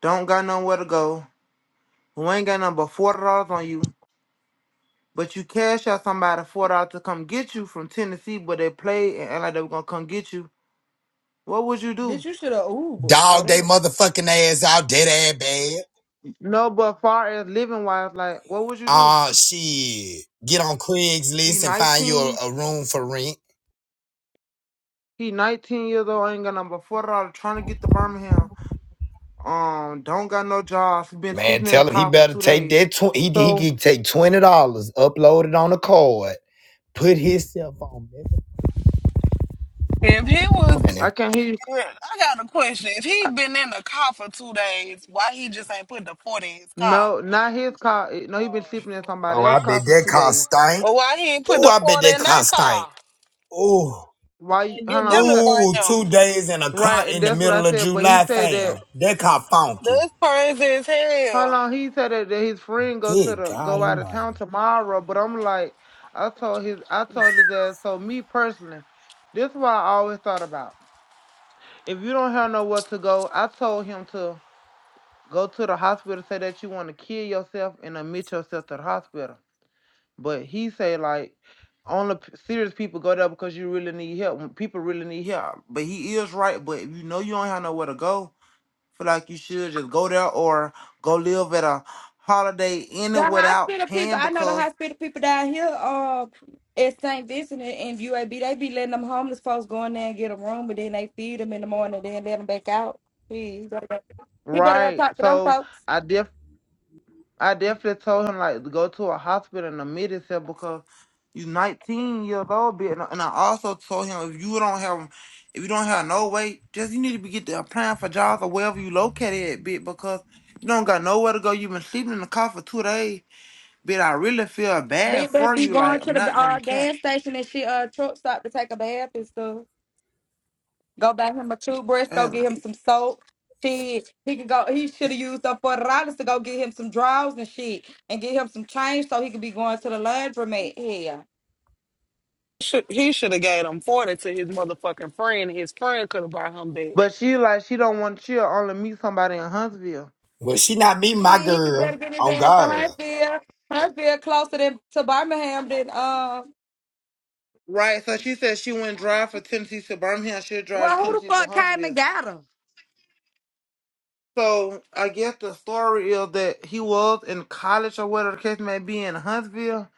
[SPEAKER 11] don't got nowhere to go, who ain't got nothing but forty dollars on you, but you cash out somebody four dollars to come get you from Tennessee, but they played and act like they were gonna come get you. What would you
[SPEAKER 7] Bitch,
[SPEAKER 11] do?
[SPEAKER 7] you should have Uber. Oh,
[SPEAKER 2] Dog,
[SPEAKER 7] they
[SPEAKER 2] they
[SPEAKER 7] were.
[SPEAKER 2] motherfucking ass out, dead ass bad.
[SPEAKER 11] No, but far as living wise, like what would you do?
[SPEAKER 2] Ah, shit. Get on
[SPEAKER 11] You
[SPEAKER 2] Craigslist and find you
[SPEAKER 11] nineteen.
[SPEAKER 2] a, a room for rent.
[SPEAKER 11] He 19 years old, ain't got number four dollar, trying to get to Birmingham. Um, don't got no job. He been
[SPEAKER 2] Man,
[SPEAKER 11] sleeping in the
[SPEAKER 2] tell him he
[SPEAKER 11] car for
[SPEAKER 2] better
[SPEAKER 11] two
[SPEAKER 2] take
[SPEAKER 11] days.
[SPEAKER 2] that. Tw- he he
[SPEAKER 11] So
[SPEAKER 2] can take twenty dollars, upload it on the card, put himself on that
[SPEAKER 6] If he was,
[SPEAKER 2] money.
[SPEAKER 11] I can't hear. You.
[SPEAKER 6] yeah, I got a question. If he been in the car for two days, why he just ain't put the 40 in his car?
[SPEAKER 11] No, not his car. Eh, No, he been
[SPEAKER 6] Oh.
[SPEAKER 11] sleeping in somebody
[SPEAKER 2] Oh, I
[SPEAKER 11] else's
[SPEAKER 2] bet
[SPEAKER 11] car for
[SPEAKER 2] that
[SPEAKER 11] two
[SPEAKER 2] cost
[SPEAKER 11] days.
[SPEAKER 2] stank.
[SPEAKER 6] Well, why he ain't put
[SPEAKER 2] Ooh,
[SPEAKER 6] the
[SPEAKER 2] I bet
[SPEAKER 6] 40
[SPEAKER 2] that
[SPEAKER 6] in their
[SPEAKER 2] cost stank.
[SPEAKER 6] car
[SPEAKER 2] Ooh,
[SPEAKER 11] Why? you-
[SPEAKER 6] and
[SPEAKER 11] Hold
[SPEAKER 6] get them
[SPEAKER 11] on.
[SPEAKER 6] to
[SPEAKER 11] say-
[SPEAKER 6] burn
[SPEAKER 2] ooh,
[SPEAKER 6] them?
[SPEAKER 2] two days in a car
[SPEAKER 11] Right, and
[SPEAKER 2] in the
[SPEAKER 11] that's what I
[SPEAKER 2] middle of
[SPEAKER 11] said. But he
[SPEAKER 2] July,
[SPEAKER 11] said
[SPEAKER 2] fam.
[SPEAKER 11] that.
[SPEAKER 2] That car funky.
[SPEAKER 6] That's crazy as
[SPEAKER 11] Hold
[SPEAKER 6] hell.
[SPEAKER 11] on. He said that, that his friend go to
[SPEAKER 2] Good
[SPEAKER 11] the
[SPEAKER 2] God
[SPEAKER 11] go out of
[SPEAKER 2] Almighty.
[SPEAKER 11] town tomorrow. But I'm like, I told his, I told his dad. So me personally, this is what I always thought about. If you don't have nowhere to go, I told him to. go to the hospital say that you want to kill yourself and admit yourself to the hospital but he say like only p- serious people go there because you really need help when people really need help but he is right but if you know you don't have nowhere to go feel like you should just go there or go live at a holiday inn
[SPEAKER 7] The
[SPEAKER 11] and without
[SPEAKER 7] hospital people,
[SPEAKER 11] paying
[SPEAKER 7] I know the
[SPEAKER 11] because
[SPEAKER 7] hospital people down here uh, at St. Vincent and and UAB, they be letting them homeless folks go in there and get a room, but then they feed them in the morning, then let them back out. He he better go, he better go
[SPEAKER 11] right
[SPEAKER 7] talk to them
[SPEAKER 11] so
[SPEAKER 7] folks.
[SPEAKER 11] i I definitely told him like to go to a hospital and admit himself because you 19 years old, bitch. And I and I also told him if you don't have, if you don't have no weight, just you need to be get to applying for jobs or wherever you located at, bitch, because you don't got nowhere to go. You've been sleeping in the car for two days, bitch. I really feel
[SPEAKER 7] They
[SPEAKER 11] bad
[SPEAKER 7] better
[SPEAKER 11] for
[SPEAKER 7] be
[SPEAKER 11] you.
[SPEAKER 7] going
[SPEAKER 11] Like
[SPEAKER 7] to
[SPEAKER 11] I'm not
[SPEAKER 7] the
[SPEAKER 11] gonna
[SPEAKER 7] uh,
[SPEAKER 11] cap.
[SPEAKER 7] gas station and shit, uh, truck stop to take a bath and stuff. Go buy him a toothbrush, go
[SPEAKER 11] And,
[SPEAKER 7] get him
[SPEAKER 11] like-
[SPEAKER 7] some soap. Shit, he can go. He should have used up forty dollars to go get him some drawers and shit, and get him some change so he could be going to the laundromat. Hell.
[SPEAKER 6] Should, he should have gave him forty to his motherfucking friend. His friend could have bought him back.
[SPEAKER 11] But she like she don't want she'll only meet somebody in Huntsville.
[SPEAKER 2] Well, she not me, my
[SPEAKER 7] Shit, he could better
[SPEAKER 2] girl.
[SPEAKER 7] get his
[SPEAKER 2] On
[SPEAKER 7] ass to
[SPEAKER 11] So
[SPEAKER 2] God.
[SPEAKER 7] Huntsville. Huntsville closer than to Birmingham than uh.
[SPEAKER 11] right. So she said she went drive for Tennessee to Birmingham. She'll drive to
[SPEAKER 7] Well, who the
[SPEAKER 11] Tennessee to
[SPEAKER 7] fuck came and
[SPEAKER 11] Huntsville.
[SPEAKER 7] got him?
[SPEAKER 11] So I guess the story is that he was in college or whatever the case may be in Huntsville,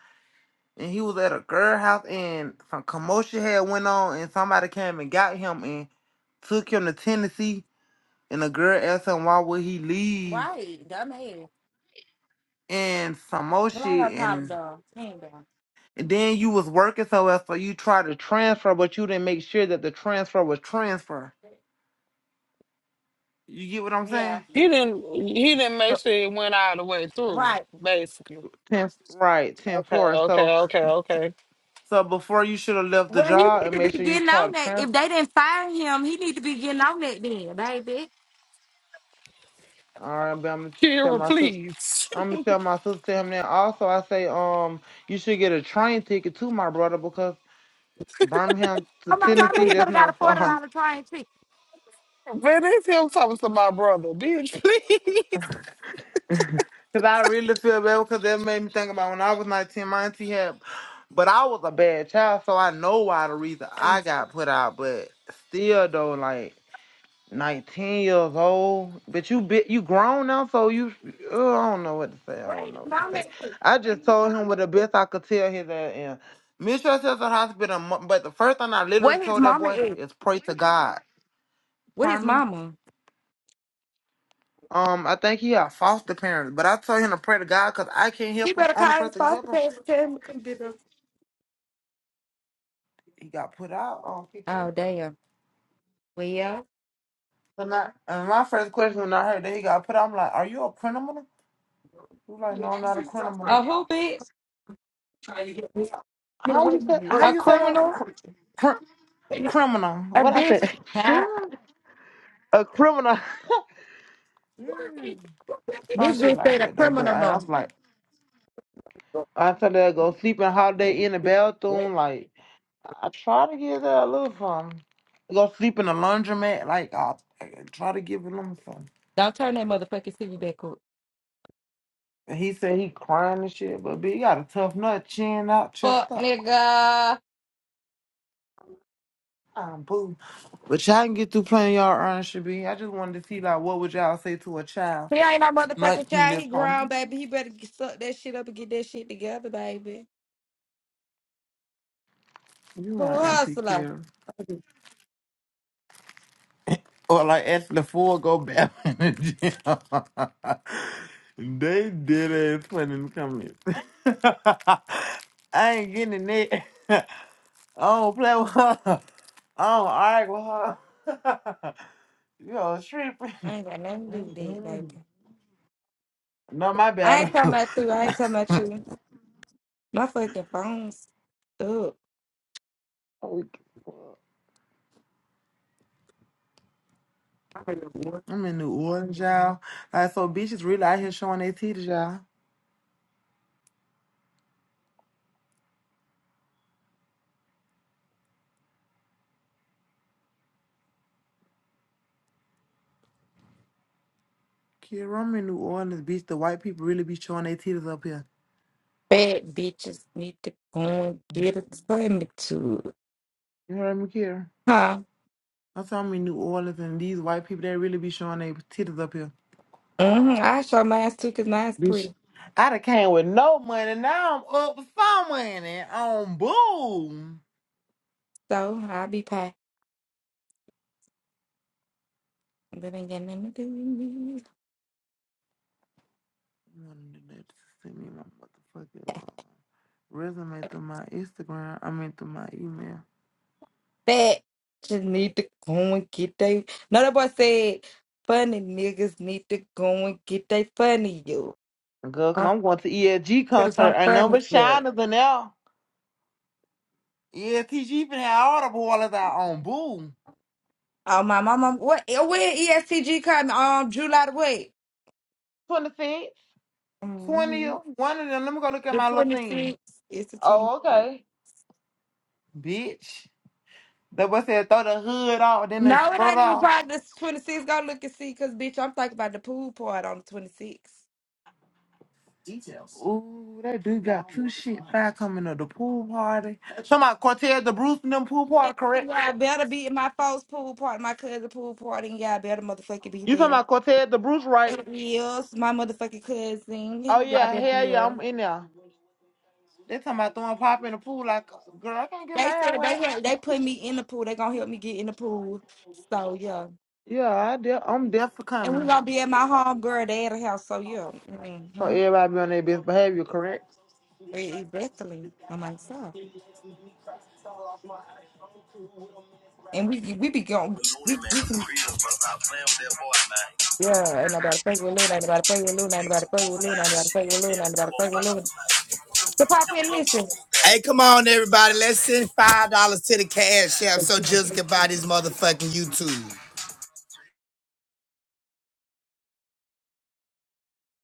[SPEAKER 11] and he was at a girl house, and some commotion had went on, and somebody came and got him and took him to Tennessee, and the girl asked him why would he leave,
[SPEAKER 7] Right, dumbass.
[SPEAKER 11] and some more
[SPEAKER 7] Well, I ain't
[SPEAKER 11] shit,
[SPEAKER 7] gonna call him
[SPEAKER 11] and,
[SPEAKER 7] dumb. He ain't dumb.
[SPEAKER 11] and then you was working so well, so you tried to transfer, but you didn't make sure that the transfer was transfer. You get what I'm
[SPEAKER 7] Yeah,
[SPEAKER 11] saying?
[SPEAKER 6] He didn't. He didn't
[SPEAKER 11] So,
[SPEAKER 6] make sure it went all the way through.
[SPEAKER 7] right.
[SPEAKER 6] Basically.
[SPEAKER 11] 10, right, ten
[SPEAKER 6] Okay.
[SPEAKER 11] four. So.
[SPEAKER 6] Okay. Okay. Okay.
[SPEAKER 11] So before you should have left the
[SPEAKER 7] Well, he
[SPEAKER 11] job
[SPEAKER 7] need
[SPEAKER 11] and
[SPEAKER 7] to be
[SPEAKER 11] made sure you
[SPEAKER 7] getting
[SPEAKER 11] try
[SPEAKER 7] on
[SPEAKER 11] to
[SPEAKER 7] that.
[SPEAKER 11] trans.
[SPEAKER 7] If they didn't fire him, he need to be getting on that then, baby.
[SPEAKER 11] All right, but I'm gonna tell
[SPEAKER 6] Kira,
[SPEAKER 11] my sister.
[SPEAKER 6] please.
[SPEAKER 11] I'm gonna tell my sister to him now. Also, I say um you should get a train ticket to my brother because Birmingham to
[SPEAKER 7] Oh my mama,
[SPEAKER 11] Tennessee
[SPEAKER 7] he could
[SPEAKER 11] that's
[SPEAKER 7] have got a
[SPEAKER 11] not
[SPEAKER 7] forty
[SPEAKER 11] far.
[SPEAKER 7] dollar train ticket.
[SPEAKER 6] But it's him talking to my brother, bitch. Please.
[SPEAKER 11] Cause I really feel bad because that made me think about when I was 19, my auntie had, but I was a bad child, so I know why the reason I got put out. But still though, like. 19 years old, but you bit you grown now, so you oh, I don't know what to say. I
[SPEAKER 7] Where
[SPEAKER 11] don't know
[SPEAKER 7] his
[SPEAKER 11] what to
[SPEAKER 7] mama
[SPEAKER 11] say.
[SPEAKER 7] is?
[SPEAKER 11] I just told him what the best I could tell his ass and Mistress is a hospital, mo- but the first thing I literally
[SPEAKER 7] Where his
[SPEAKER 11] told that
[SPEAKER 7] mama
[SPEAKER 11] boy
[SPEAKER 7] is?
[SPEAKER 11] is pray to God.
[SPEAKER 7] Where his
[SPEAKER 11] Pardon me?
[SPEAKER 7] mama?
[SPEAKER 11] Um, I think he had foster parents, but I told him to pray to God because I can't
[SPEAKER 7] He
[SPEAKER 11] help him.
[SPEAKER 7] better
[SPEAKER 11] Only
[SPEAKER 7] call his
[SPEAKER 11] person can help
[SPEAKER 7] foster
[SPEAKER 11] him.
[SPEAKER 7] parents and tell him to come get us.
[SPEAKER 11] He got put out on PQ.
[SPEAKER 7] Oh damn. Well, yeah.
[SPEAKER 11] So now, and my first question when I heard that he got put out, I'm like, "Are you a criminal?" He was like, "No, I'm not a criminal."
[SPEAKER 7] Oh, who bitch?
[SPEAKER 11] How you said? How
[SPEAKER 7] A
[SPEAKER 11] you said
[SPEAKER 7] criminal?
[SPEAKER 11] that? criminal.
[SPEAKER 7] A
[SPEAKER 11] What I
[SPEAKER 7] bitch?
[SPEAKER 11] said?
[SPEAKER 7] Huh?
[SPEAKER 11] a criminal. Some
[SPEAKER 7] This
[SPEAKER 11] shit
[SPEAKER 7] bitch
[SPEAKER 11] like
[SPEAKER 7] said a
[SPEAKER 11] that though. But
[SPEAKER 7] criminal
[SPEAKER 11] I, I
[SPEAKER 7] no.
[SPEAKER 11] was like, I thought they go sleep in holiday in the bathroom. Like I try to give that a little something. Go sleep in the laundromat. Like I, I try to give him something.
[SPEAKER 7] Don't turn that motherfucking TV back up.
[SPEAKER 11] And he said he crying and shit, but B, he got a tough nut, chin out, chest
[SPEAKER 7] Fuck
[SPEAKER 11] up.
[SPEAKER 7] nigga.
[SPEAKER 11] Um, boo. But y'all can get through playing y'all earn should be. I just wanted to see like what would y'all say to a child.
[SPEAKER 7] He ain't no motherfucking
[SPEAKER 11] Nineteen
[SPEAKER 7] child.
[SPEAKER 11] is
[SPEAKER 7] He grown,
[SPEAKER 11] home.
[SPEAKER 7] baby. He better get- suck that shit up and get that shit together, baby.
[SPEAKER 11] You
[SPEAKER 7] Who
[SPEAKER 11] right, Auntie
[SPEAKER 7] hustler?
[SPEAKER 11] Kira. Or like Ashley Ford go back in the gym. they did it put in the comments. I ain't getting in it. I don't play with her. I don't argue with her. you a
[SPEAKER 7] I
[SPEAKER 11] tripping.
[SPEAKER 7] ain't got nothing to do with that,
[SPEAKER 11] Mm-mm.
[SPEAKER 7] baby.
[SPEAKER 11] No, my
[SPEAKER 7] I
[SPEAKER 11] bad.
[SPEAKER 7] ain't talking about you. I ain't talking about you. My fucking phone's up. Fat
[SPEAKER 11] I'm in New Orleans, y'all. Like, so bitches really out here showing their titties, y'all. Kira, I'm in New Orleans, bitch. The white people really be showing their titties up here.
[SPEAKER 7] bitches need to go and get a permit to.
[SPEAKER 11] You heard me, Kira? I saw me in New Orleans and these white people they really be showing their titties up here.
[SPEAKER 7] hmm I show mine too, cause mine's
[SPEAKER 11] Bitch.
[SPEAKER 7] pretty.
[SPEAKER 11] I done came with no money. Now I'm up with some money on boom.
[SPEAKER 7] So I'll be packed. But ain't got nothing to do with me.
[SPEAKER 11] You wanna do that? Just Send me my motherfucking uh, resume through my Instagram. I mean through my email.
[SPEAKER 7] Fat. Just need to go and get they. No, that boy said, funny niggas need to go and get they funny you.
[SPEAKER 11] Girl, because
[SPEAKER 7] i
[SPEAKER 11] I'm going to ELG
[SPEAKER 7] ambecause i
[SPEAKER 11] concert
[SPEAKER 7] I'm
[SPEAKER 11] and
[SPEAKER 7] funny,
[SPEAKER 11] number
[SPEAKER 7] yeah.
[SPEAKER 11] shiners and now. Yeah, TG finna have all the boilers out on boom.
[SPEAKER 7] Oh, my mama. What? eh, When ESTG coming? Um, July the what?
[SPEAKER 11] 25th,
[SPEAKER 7] hmm
[SPEAKER 11] 20th, one of them. Let me go look at
[SPEAKER 7] The
[SPEAKER 11] my little thing.
[SPEAKER 7] 26th. It's the
[SPEAKER 11] Oh,
[SPEAKER 7] 26th.
[SPEAKER 11] okay. Bitch. The boy said throw the hood off, then they
[SPEAKER 7] No, it
[SPEAKER 11] skirt
[SPEAKER 7] ain't even
[SPEAKER 11] off.
[SPEAKER 7] probably the 26th. Go look and see, cause bitch, I'm thinking about the pool part on the 26th.
[SPEAKER 11] Ooh, that dude got two shit five coming to the pool party. Talking about Cortez the Bruce and them pool party, correct?
[SPEAKER 7] Y'all better be at my folks' pool party, my cousin's pool party, and y'all better motherfucking be
[SPEAKER 11] You talking
[SPEAKER 7] there.
[SPEAKER 11] about Cortez the Bruce, right?
[SPEAKER 7] It is my motherfucking cousin.
[SPEAKER 11] Oh
[SPEAKER 7] Y'all
[SPEAKER 11] yeah,
[SPEAKER 7] better be
[SPEAKER 11] hell yeah,
[SPEAKER 7] there.
[SPEAKER 11] I'm in there. They talking about throwing pop in the pool like, girl, I can't get my
[SPEAKER 7] They
[SPEAKER 11] hair
[SPEAKER 7] said they
[SPEAKER 11] wet.
[SPEAKER 7] had they put me in the pool. They gonna help me get in the pool. So yeah,
[SPEAKER 11] Yeah, I de- I'm deaf for
[SPEAKER 7] and we
[SPEAKER 11] coming.
[SPEAKER 7] gonna be at my home girl dad's house. So yeah,
[SPEAKER 11] So
[SPEAKER 7] mm-hmm.
[SPEAKER 11] everybody be on their best behavior, correct?
[SPEAKER 7] exactly. I'm like so, and we we be going. We we can. Yeah, ain't nobody fucking with Luna, ain't nobody fucking with Luna, ain't nobody fucking with Luna, ain't nobody fucking with Luna, ain't nobody fucking with Luna. So pop in,
[SPEAKER 2] Hey, come on, everybody. Let's send $5 to the cash app so Jill
[SPEAKER 7] listen.
[SPEAKER 2] can buy this motherfucking YouTube.